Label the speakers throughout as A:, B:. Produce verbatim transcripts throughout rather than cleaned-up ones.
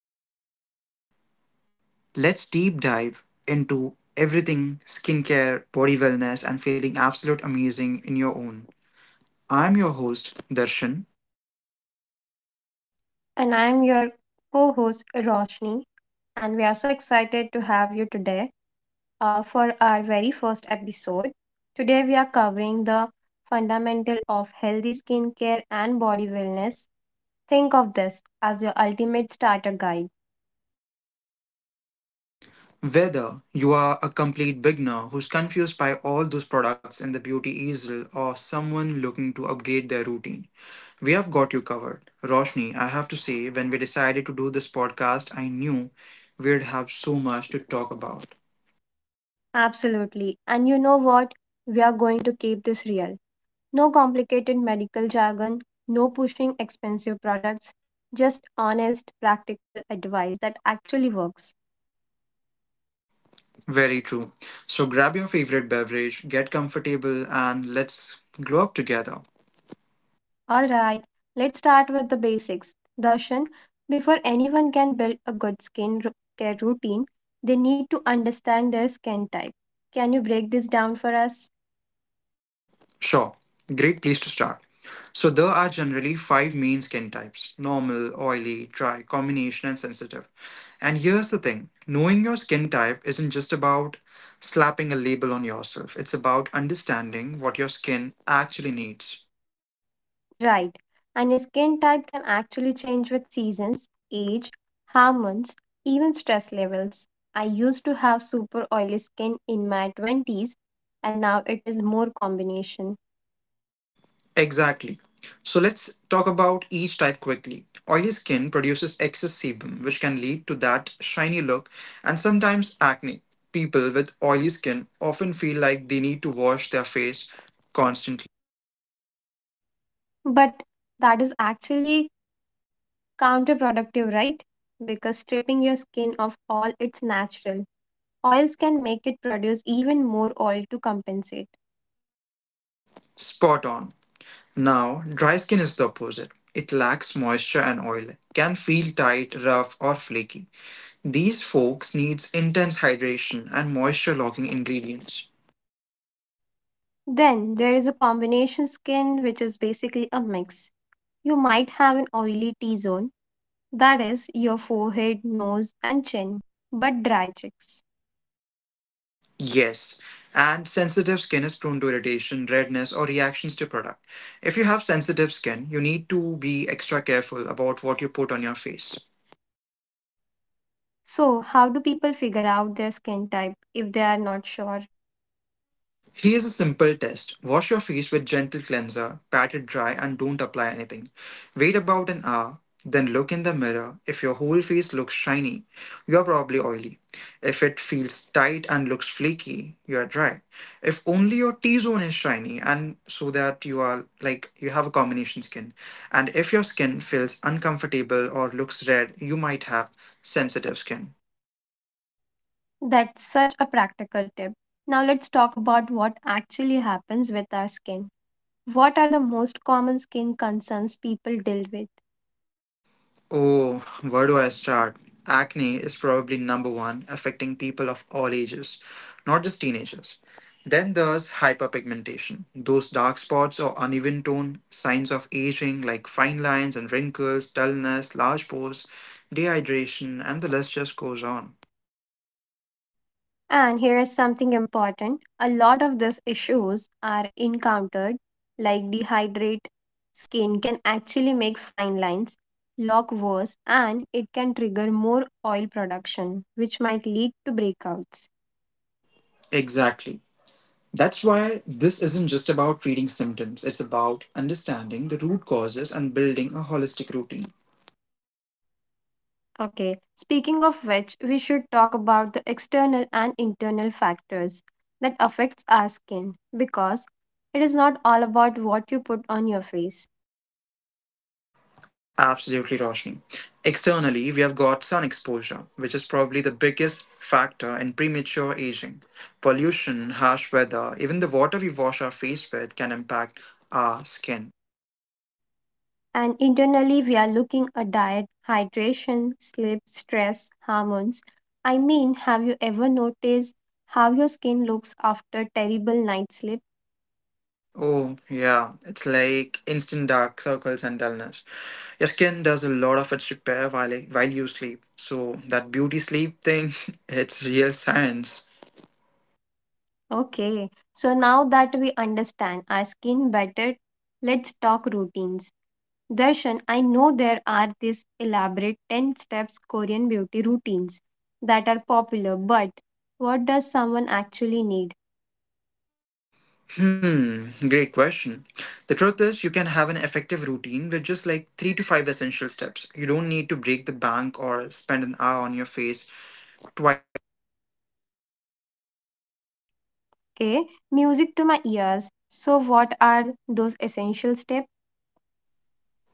A: podcast. Let's deep dive into everything skincare, body wellness and feeling absolute amazing in your own. I'm your host Darshan.
B: And I'm your co host, Roshni. And we are so excited to have you today uh, for our very first episode. Today, we are covering the fundamental of healthy skincare and body wellness. Think of this as your ultimate starter guide.
A: Whether you are a complete beginner who's confused by all those products in the beauty easel or someone looking to upgrade their routine, we have got you covered. Roshni, I have to say, when we decided to do this podcast, I knew we'd have so much to talk about.
B: Absolutely. And you know what? We are going to keep this real. No complicated medical jargon, no pushing expensive products, just honest, practical advice that actually works.
A: Very true. So grab your favorite beverage, get comfortable, and let's glow up together.
B: Alright, let's start with the basics. Darshan, before anyone can build a good skin ru- care routine, they need to understand their skin type. Can you break this down for us?
A: Sure, great place to start. So, there are generally five main skin types: normal, oily, dry, combination, and sensitive. And here's the thing: knowing your skin type isn't just about slapping a label on yourself, it's about understanding what your skin actually needs.
B: Right. And your skin type can actually change with seasons, age, hormones, even stress levels. I used to have super oily skin in my twenties, and now it is more combination.
A: Exactly. So let's talk about each type quickly. Oily skin produces excess sebum, which can lead to that shiny look and sometimes acne. People with oily skin often feel like they need to wash their face constantly.
B: But that is actually counterproductive, right? Because stripping your skin of all its natural oils can make it produce even more oil to compensate.
A: Spot on. Now, dry skin is the opposite. It lacks moisture and oil, can feel tight, rough, or flaky. These folks needs intense hydration and moisture-locking ingredients.
B: Then there is a combination skin, which is basically a mix. You might have an oily T zone, that is, your forehead, nose, and chin, but dry cheeks.
A: Yes, and sensitive skin is prone to irritation, redness, or reactions to product. If you have sensitive skin, you need to be extra careful about what you put on your face.
B: So, how do people figure out their skin type if they are not sure?
A: Here's a simple test. Wash your face with gentle cleanser, pat it dry, and don't apply anything. Wait about an hour, then look in the mirror. If your whole face looks shiny, you're probably oily. If it feels tight and looks flaky, you're dry. If only your T zone is shiny, and so that you are like you have a combination skin. And if your skin feels uncomfortable or looks red, you might have sensitive skin.
B: That's such a practical tip. Now, let's talk about what actually happens with our skin. What are the most common skin concerns people deal with?
A: Oh, where do I start? Acne is probably number one, affecting people of all ages, not just teenagers. Then there's hyperpigmentation. Those dark spots or uneven tone, signs of aging like fine lines and wrinkles, dullness, large pores, dehydration, and the list just goes on.
B: And here is something important. A lot of these issues are encountered, like dehydrate skin can actually make fine lines look worse, and it can trigger more oil production, which might lead to breakouts.
A: Exactly. That's why this isn't just about treating symptoms, it's about understanding the root causes and building a holistic routine.
B: Okay, speaking of which, we should talk about the external and internal factors that affects our skin, because it is not all about what you put on your face.
A: Absolutely, Roshni. Externally, we have got sun exposure, which is probably the biggest factor in premature aging. Pollution, harsh weather, even the water we wash our face with can impact our skin.
B: And internally, we are looking at diet, hydration, sleep, stress, hormones. I mean, have you ever noticed how your skin looks after terrible night sleep?
A: Oh, yeah, it's like instant dark circles and dullness. Your skin does a lot of its repair while, while you sleep. So, that beauty sleep thing, it's real science.
B: Okay, so now that we understand our skin better, let's talk routines. Darshan, I know there are these elaborate ten steps Korean beauty routines that are popular, but what does someone actually need?
A: Hmm, great question. The truth is, you can have an effective routine with just like three to five essential steps. You don't need to break the bank or spend an hour on your face twice a day.
B: Okay, music to my ears. So, what are those essential steps?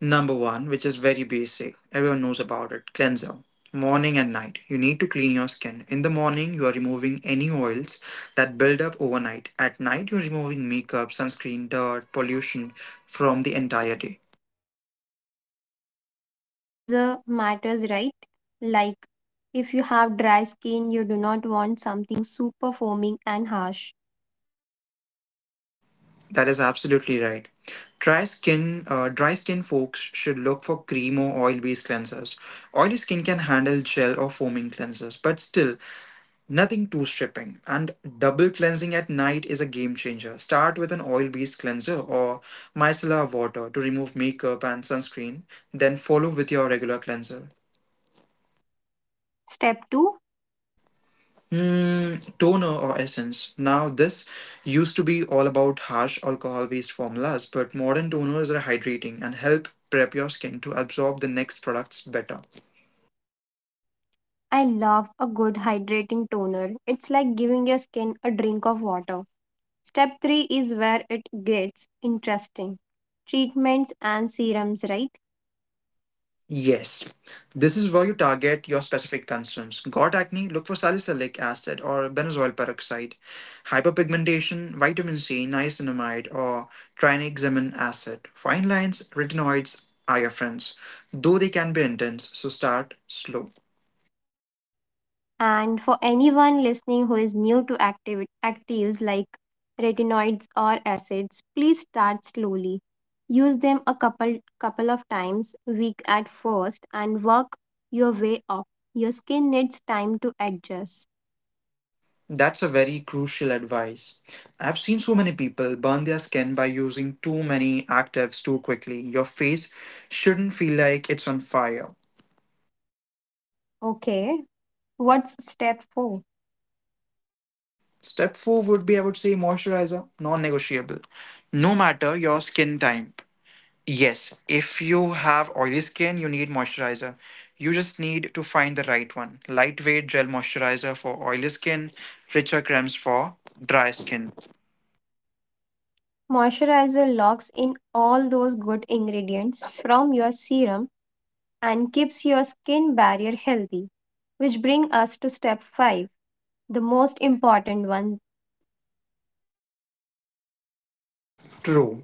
A: Number one, which is very basic, everyone knows about it: cleanser. Morning and night, you need to clean your skin. In the morning, you are removing any oils that build up overnight. At night, you're removing makeup, sunscreen, dirt, pollution from the entire day.
B: And the type of cleanser matters, right? Like, if you have dry skin, you do not want something super foaming and harsh.
A: That is absolutely right. Dry skin, uh, dry skin folks should look for cream or oil-based cleansers. Oily skin can handle gel or foaming cleansers, but still nothing too stripping. And double cleansing at night is a game changer. Start with an oil-based cleanser or micellar water to remove makeup and sunscreen, then follow with your regular cleanser.
B: Step two.
A: Mm, toner or essence. Now, this used to be all about harsh alcohol based formulas, but modern toners are hydrating and help prep your skin to absorb the next products better.
B: I love a good hydrating toner. It's like giving your skin a drink of water. Step three is where it gets interesting, treatments and serums, right?
A: Yes, this is where you target your specific concerns. Got acne? Look for salicylic acid or benzoyl peroxide. Hyperpigmentation, vitamin C, niacinamide, or trinexamin acid. Fine lines, retinoids are your friends, though they can be intense, so start slow.
B: And for anyone listening who is new to active, actives like retinoids or acids, please start slowly. Use them a couple couple of times week at first and work your way up. Your skin needs time to adjust.
A: That's a very crucial advice. I've seen so many people burn their skin by using too many actives too quickly. Your face shouldn't feel like it's on fire.
B: Okay, what's step four?
A: Step four would be, I would say, moisturizer, non negotiable. No matter your skin type. Yes, if you have oily skin, you need moisturizer. You just need to find the right one. Lightweight gel moisturizer for oily skin, richer creams for dry skin.
B: Moisturizer locks in all those good ingredients from your serum and keeps your skin barrier healthy, which bring us to step five, the most important one.
A: True.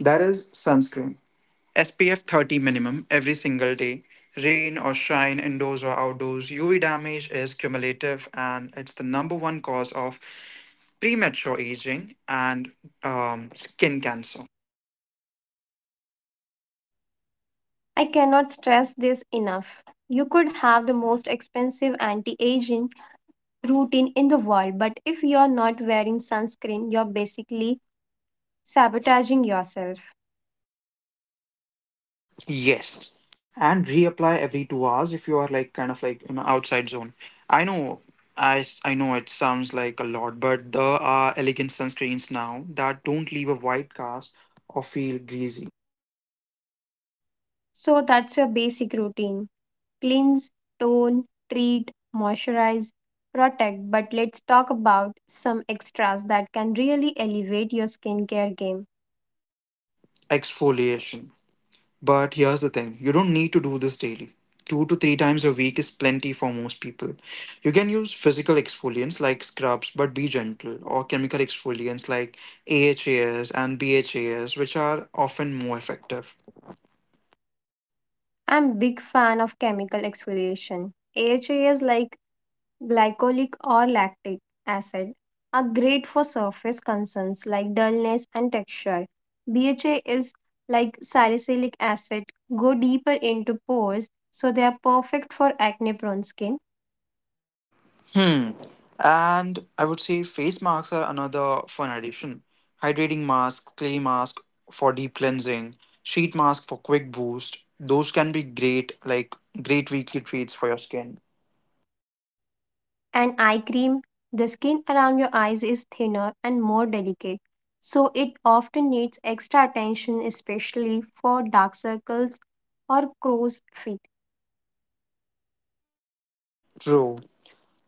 A: That is sunscreen. S P F thirty minimum every single day. Rain or shine, indoors or outdoors, U V damage is cumulative and it's the number one cause of premature aging and um, skin cancer.
B: I cannot stress this enough. You could have the most expensive anti aging routine in the world, but if you're not wearing sunscreen, you're basically sabotaging yourself.
A: Yes. And reapply every two hours if you are like kind of like in an outside zone. I know I, s- I know it sounds like a lot, but there are elegant sunscreens now that don't leave a white cast or feel greasy.
B: So that's your basic routine: cleanse, tone, treat, moisturize, protect. But let's talk about some extras that can really elevate your skincare game.
A: Exfoliation. But here's the thing: you don't need to do this daily. Two to three times a week is plenty for most people. You can use physical exfoliants like scrubs, but be gentle, or chemical exfoliants like A H As and B H As, which are often more effective.
B: I'm a big fan of chemical exfoliation. A H As is like glycolic or lactic acid are great for surface concerns like dullness and texture. B H As is like salicylic acid go deeper into pores, so they are perfect for acne prone skin.
A: Hmm. And I would say face masks are another fun addition. Hydrating mask, clay mask for deep cleansing, sheet mask for quick boost. Those can be great, like great weekly treats for your skin.
B: And eye cream, the skin around your eyes is thinner and more delicate, so it often needs extra attention, especially for dark circles or crow's feet.
A: True.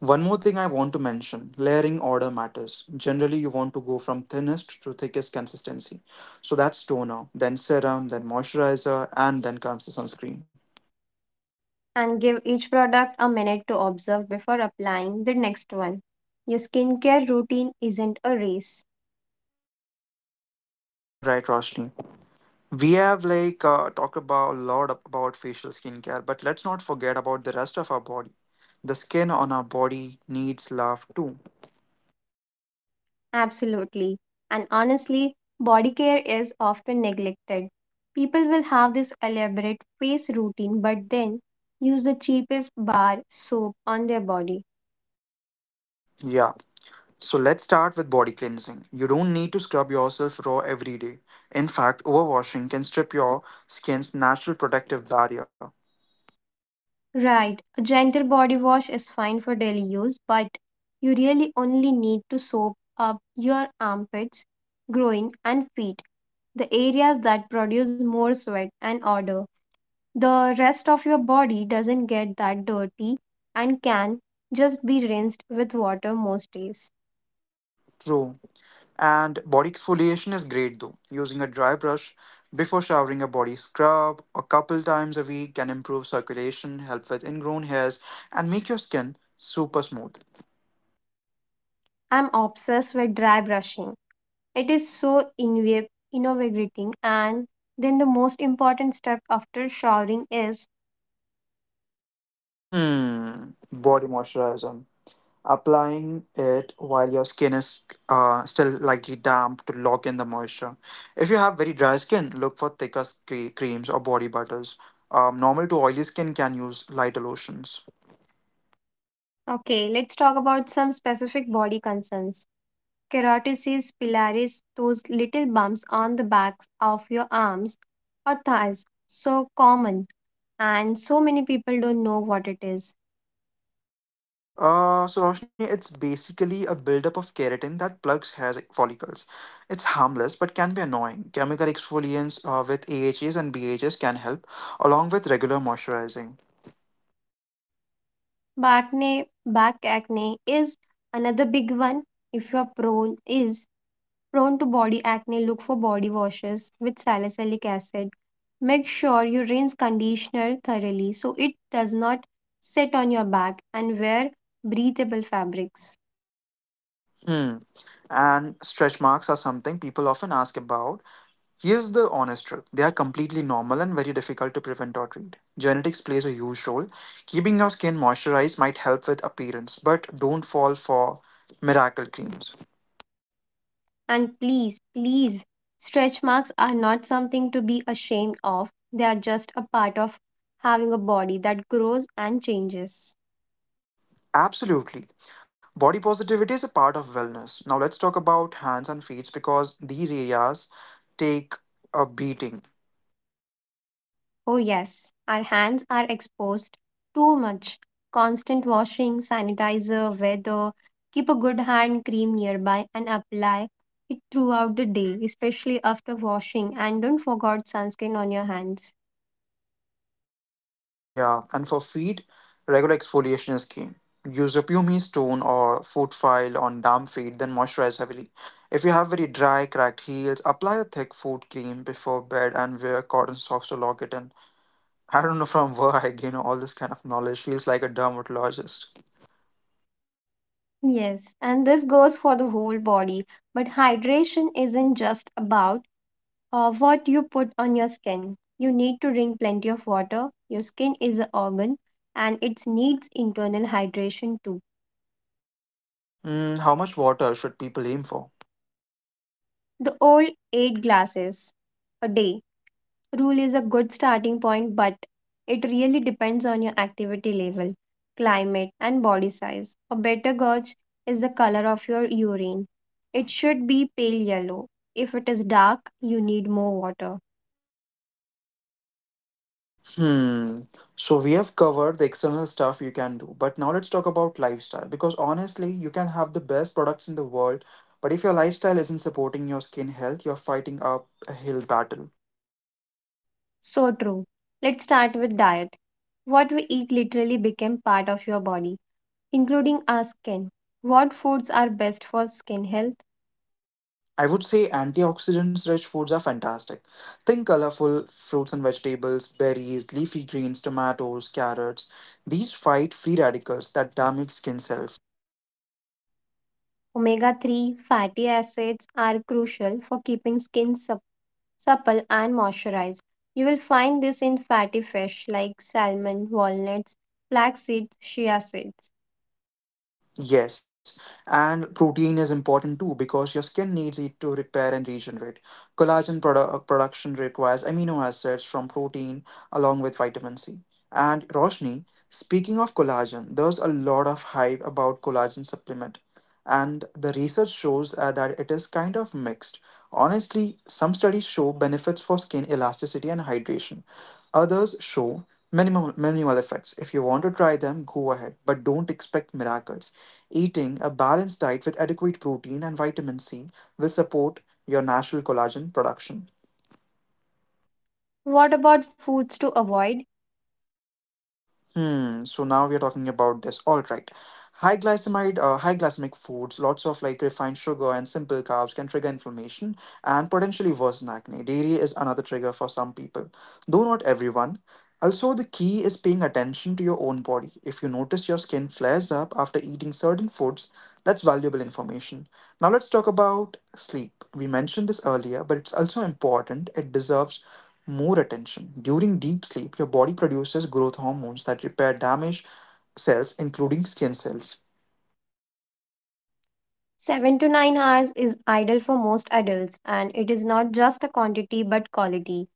A: One more thing I want to mention: layering order matters. Generally, you want to go from thinnest to thickest consistency. So that's toner, then serum, then moisturizer, and then comes the sunscreen.
B: And give each product a minute to observe before applying the next one. Your skincare routine isn't a race.
A: All right, Roshni. We have like uh, talked about a lot about facial skincare, but let's not forget about the rest of our body. The skin on our body needs love too.
B: Absolutely. And honestly, body care is often neglected. People will have this elaborate face routine but then use the cheapest bar soap on their body.
A: Yeah. So let's start with body cleansing. You don't need to scrub yourself raw every day. In fact, overwashing can strip your skin's natural protective barrier.
B: Right, a gentle body wash is fine for daily use, but you really only need to soap up your armpits, groin, and feet, the areas that produce more sweat and odor. The rest of your body doesn't get that dirty and can just be rinsed with water most days.
A: True. And body exfoliation is great though. Using a dry brush before showering, a body scrub a couple times a week can improve circulation, help with ingrown hairs, and make your skin super smooth.
B: I'm obsessed with dry brushing. It is so innov- invigorating, and then the most important step after showering is,
A: Hmm. Body moisturizer. Applying it while your skin is uh, still lightly damp to lock in the moisture. If you have very dry skin, look for thicker scre- creams or body butters. Um, normal to oily skin can use lighter lotions.
B: okay, let's talk about some specific body concerns. Keratosis pilaris, those little bumps on the backs of your arms or thighs, so common and so many people don't know what it is.
A: Uh, so Roshni, it's basically a buildup of keratin that plugs hair follicles. It's harmless but can be annoying. Chemical exfoliants uh, with A H As and B H As can help, along with regular moisturizing.
B: Back acne, back acne is another big one. If you are prone is prone to body acne, look for body washes with salicylic acid. Make sure you rinse conditioner thoroughly so it does not sit on your back, and wear breathable fabrics.
A: Hmm. And stretch marks are something people often ask about. Here's the honest truth: they are completely normal and very difficult to prevent or treat. Genetics plays a huge role. Keeping your skin moisturized might help with appearance, but don't fall for miracle creams.
B: And please, please, stretch marks are not something to be ashamed of. They are just a part of having a body that grows and changes.
A: Absolutely. Body positivity is a part of wellness. Now let's talk about hands and feet because these areas take a beating.
B: Oh, yes, our hands are exposed too much. Constant washing, sanitizer, weather. Keep a good hand cream nearby and apply it throughout the day, especially after washing. And don't forget sunscreen on your hands.
A: Yeah, and for feet, regular exfoliation is key. Use a pumice stone or foot file on damp feet, then moisturize heavily. If you have very dry, cracked heels, apply a thick foot cream before bed and wear cotton socks to lock it in. I don't know from where I gain all this kind of knowledge. Feels like a dermatologist.
B: Yes, and this goes for the whole body. But hydration isn't just about uh, what you put on your skin. You need to drink plenty of water. Your skin is an organ and it needs internal hydration too.
A: Mm, how much water should people aim for?
B: The old eight glasses a day rule is a good starting point, but it really depends on your activity level, climate, and body size. A better gauge is the color of your urine. It should be pale yellow. If it is dark, you need more water.
A: Hmm. So we have covered the external stuff you can do, but now let's talk about lifestyle because honestly, you can have the best products in the world, but if your lifestyle isn't supporting your skin health, you're fighting up a hill battle.
B: So true. Let's start with diet. What we eat literally became part of your body, including our skin. What foods are best for skin health?
A: I would say antioxidants rich foods are fantastic. Think colorful fruits and vegetables, berries, leafy greens, tomatoes, carrots. These fight free radicals that damage skin cells.
B: Omega three fatty acids are crucial for keeping skin sup- supple and moisturized. You will find this in fatty fish like salmon, walnuts, flax seeds, chia seeds.
A: Yes, and protein is important too because your skin needs it to repair and regenerate. Collagen produ- uh, production requires amino acids from protein along with vitamin C. And Roshni, speaking of collagen, there's a lot of hype about collagen supplement, and the research shows uh, that it is kind of mixed. Honestly, some studies show benefits for skin elasticity and hydration. Others show minimal minimal effects. If you want to try them, go ahead, but don't expect miracles. Eating a balanced diet with adequate protein and vitamin C will support your natural collagen production.
B: What about foods to avoid?
A: Hmm. So now we are talking about this. All right. High glycemide, uh, high glycemic foods, lots of like refined sugar and simple carbs can trigger inflammation and potentially worsen acne. Dairy is another trigger for some people, though not everyone. Also, the key is paying attention to your own body. If you notice your skin flares up after eating certain foods, that's valuable information. Now, let's talk about sleep. We mentioned this earlier, but it's also important. It deserves more attention. During deep sleep, your body produces growth hormones that repair damaged cells, including skin cells.
B: seven to nine hours is ideal for most adults, and it is not just a quantity but quality.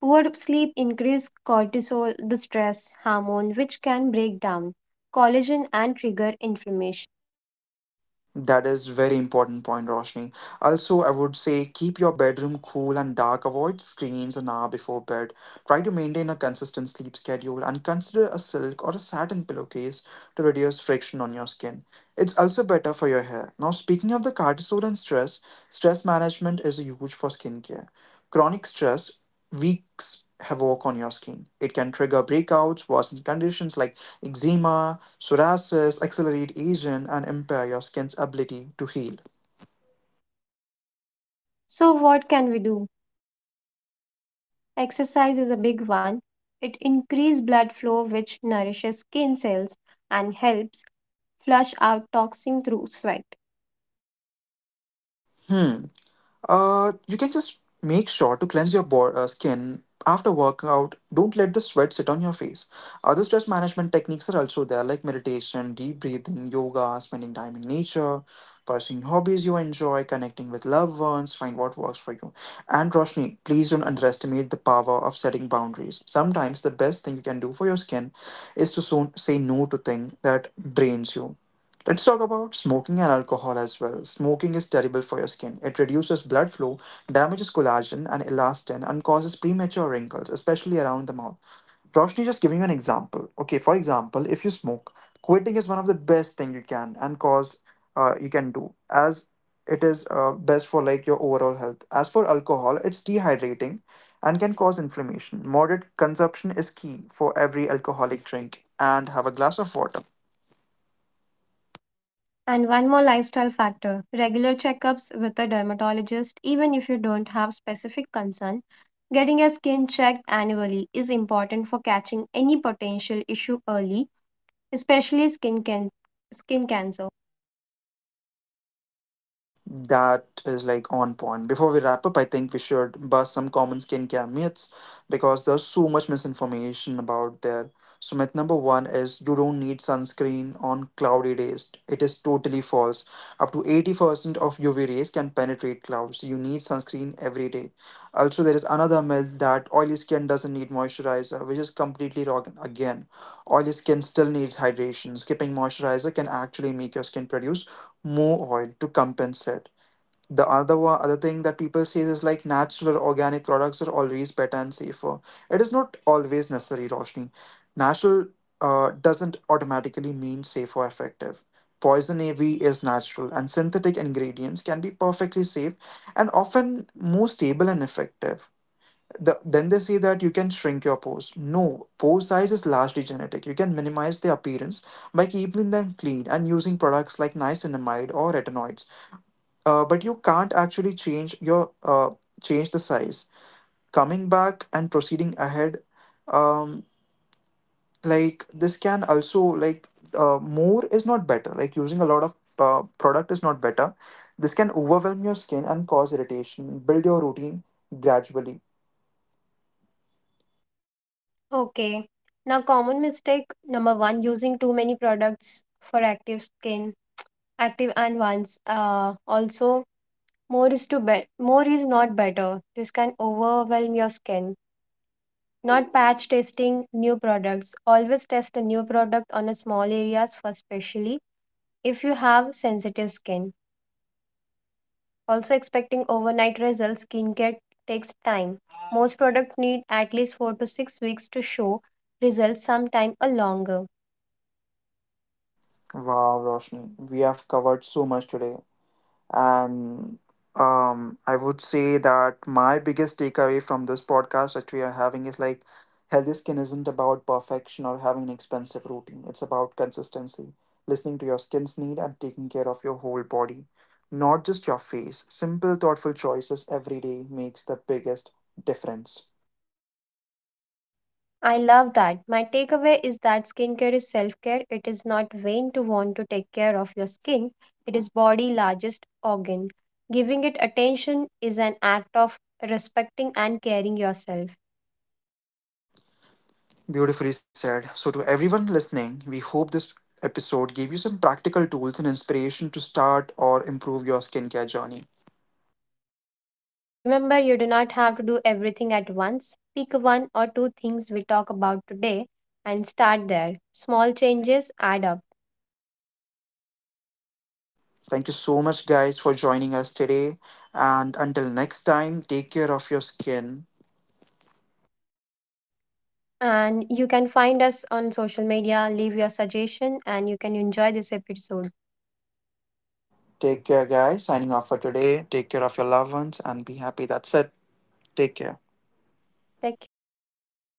B: Poor sleep increases cortisol, the stress hormone, which can break down collagen and trigger inflammation.
A: That is very important point, Roshni. Also, I would say keep your bedroom cool and dark. Avoid screens an hour before bed. Try to maintain a consistent sleep schedule and consider a silk or a satin pillowcase to reduce friction on your skin. It's also better for your hair. Now, speaking of the cortisol and stress, stress management is huge for skincare. Chronic stress wreaks havoc on your skin. It can trigger breakouts, worsen conditions like eczema, Suraj, accelerate aging and impair your skin's ability to heal.
B: So, what can we do? Exercise is a big one. It increases blood flow, which nourishes skin cells and helps flush out toxins through sweat.
A: Hmm. Uh, you can just make sure to cleanse your bo- uh, skin after workout. Don't let the sweat sit on your face. Other stress management techniques are also there, like meditation, deep breathing, yoga, spending time in nature, pursuing hobbies you enjoy, connecting with loved ones. Find what works for you. And Roshni, please don't underestimate the power of setting boundaries. Sometimes the best thing you can do for your skin is to soon say no to things that drains you. Let's talk about smoking and alcohol as well. Smoking is terrible for your skin. It reduces blood flow, damages collagen and elastin, and causes premature wrinkles, especially around the mouth. Roshni, just giving you an example. Okay, for example, if you smoke, quitting is one of the best thing you can and cause uh, you can do, as it is uh, best for like your overall health. As for alcohol, it's dehydrating and can cause inflammation. Moderate consumption is key. For every alcoholic drink, and have a glass of water.
B: And one more lifestyle factor, regular checkups with a dermatologist, even if you don't have specific concern. Getting your skin checked annually is important for catching any potential issue early, especially skin can- skin cancer.
A: That is like on point. Before we wrap up, I think we should bust some common skincare myths because there's so much misinformation about there. So myth number one is you don't need sunscreen on cloudy days. It is totally false. Up to eighty percent of U V rays can penetrate clouds. You need sunscreen every day. Also, there is another myth that oily skin doesn't need moisturizer, which is completely wrong again. Oily skin still needs hydration. Skipping moisturizer can actually make your skin produce more oil to compensate. The other one, other thing that people say is like natural organic products are always better and safer. It is not always necessary, Roshni. Natural uh, doesn't automatically mean safe or effective. Poison ivy is natural, and synthetic ingredients can be perfectly safe and often more stable and effective. The, then they say that you can shrink your pores. No, pore size is largely genetic. You can minimize their appearance by keeping them clean and using products like niacinamide or retinoids, uh, but you can't actually change your uh, change the size. Coming back and proceeding ahead, um, like this can also like, uh, more is not better, like using a lot of uh, product is not better. This can overwhelm your skin and cause irritation. Build your routine gradually.
B: Okay. Now, common mistake number one, using too many products for active skin, active and once. Uh, also, more is to be- more is not better. This can overwhelm your skin. Not patch testing new products. Always test a new product on a small areas first, especially if you have sensitive skin. Also, expecting overnight results, skincare takes time. Most products need at least four to six weeks to show results, sometimes a longer.
A: Wow, Roshni, we have covered so much today. And um, I would say that my biggest takeaway from this podcast that we are having is like healthy skin isn't about perfection or having an expensive routine. It's about consistency, listening to your skin's need and taking care of your whole body, not just your face. Simple, thoughtful choices every day makes the biggest difference.
B: I love that. My takeaway is that skincare is self care. It is not vain to want to take care of your skin, it is body largest organ. Giving it attention is an act of respecting and caring yourself.
A: Beautifully said. So, to everyone listening, we hope this episode gave you some practical tools and inspiration to start or improve your skincare journey.
B: Remember, you do not have to do everything at once. Pick one or two things we talk about today and start there. Small changes add up.
A: Thank you so much, guys, for joining us today. And until next time, take care of your skin.
B: And you can find us on social media, leave your suggestion, and you can enjoy this episode.
A: Take care, guys. Signing off for today. Take care of your loved ones and be happy. That's it. Take care.
B: Take care. Bye.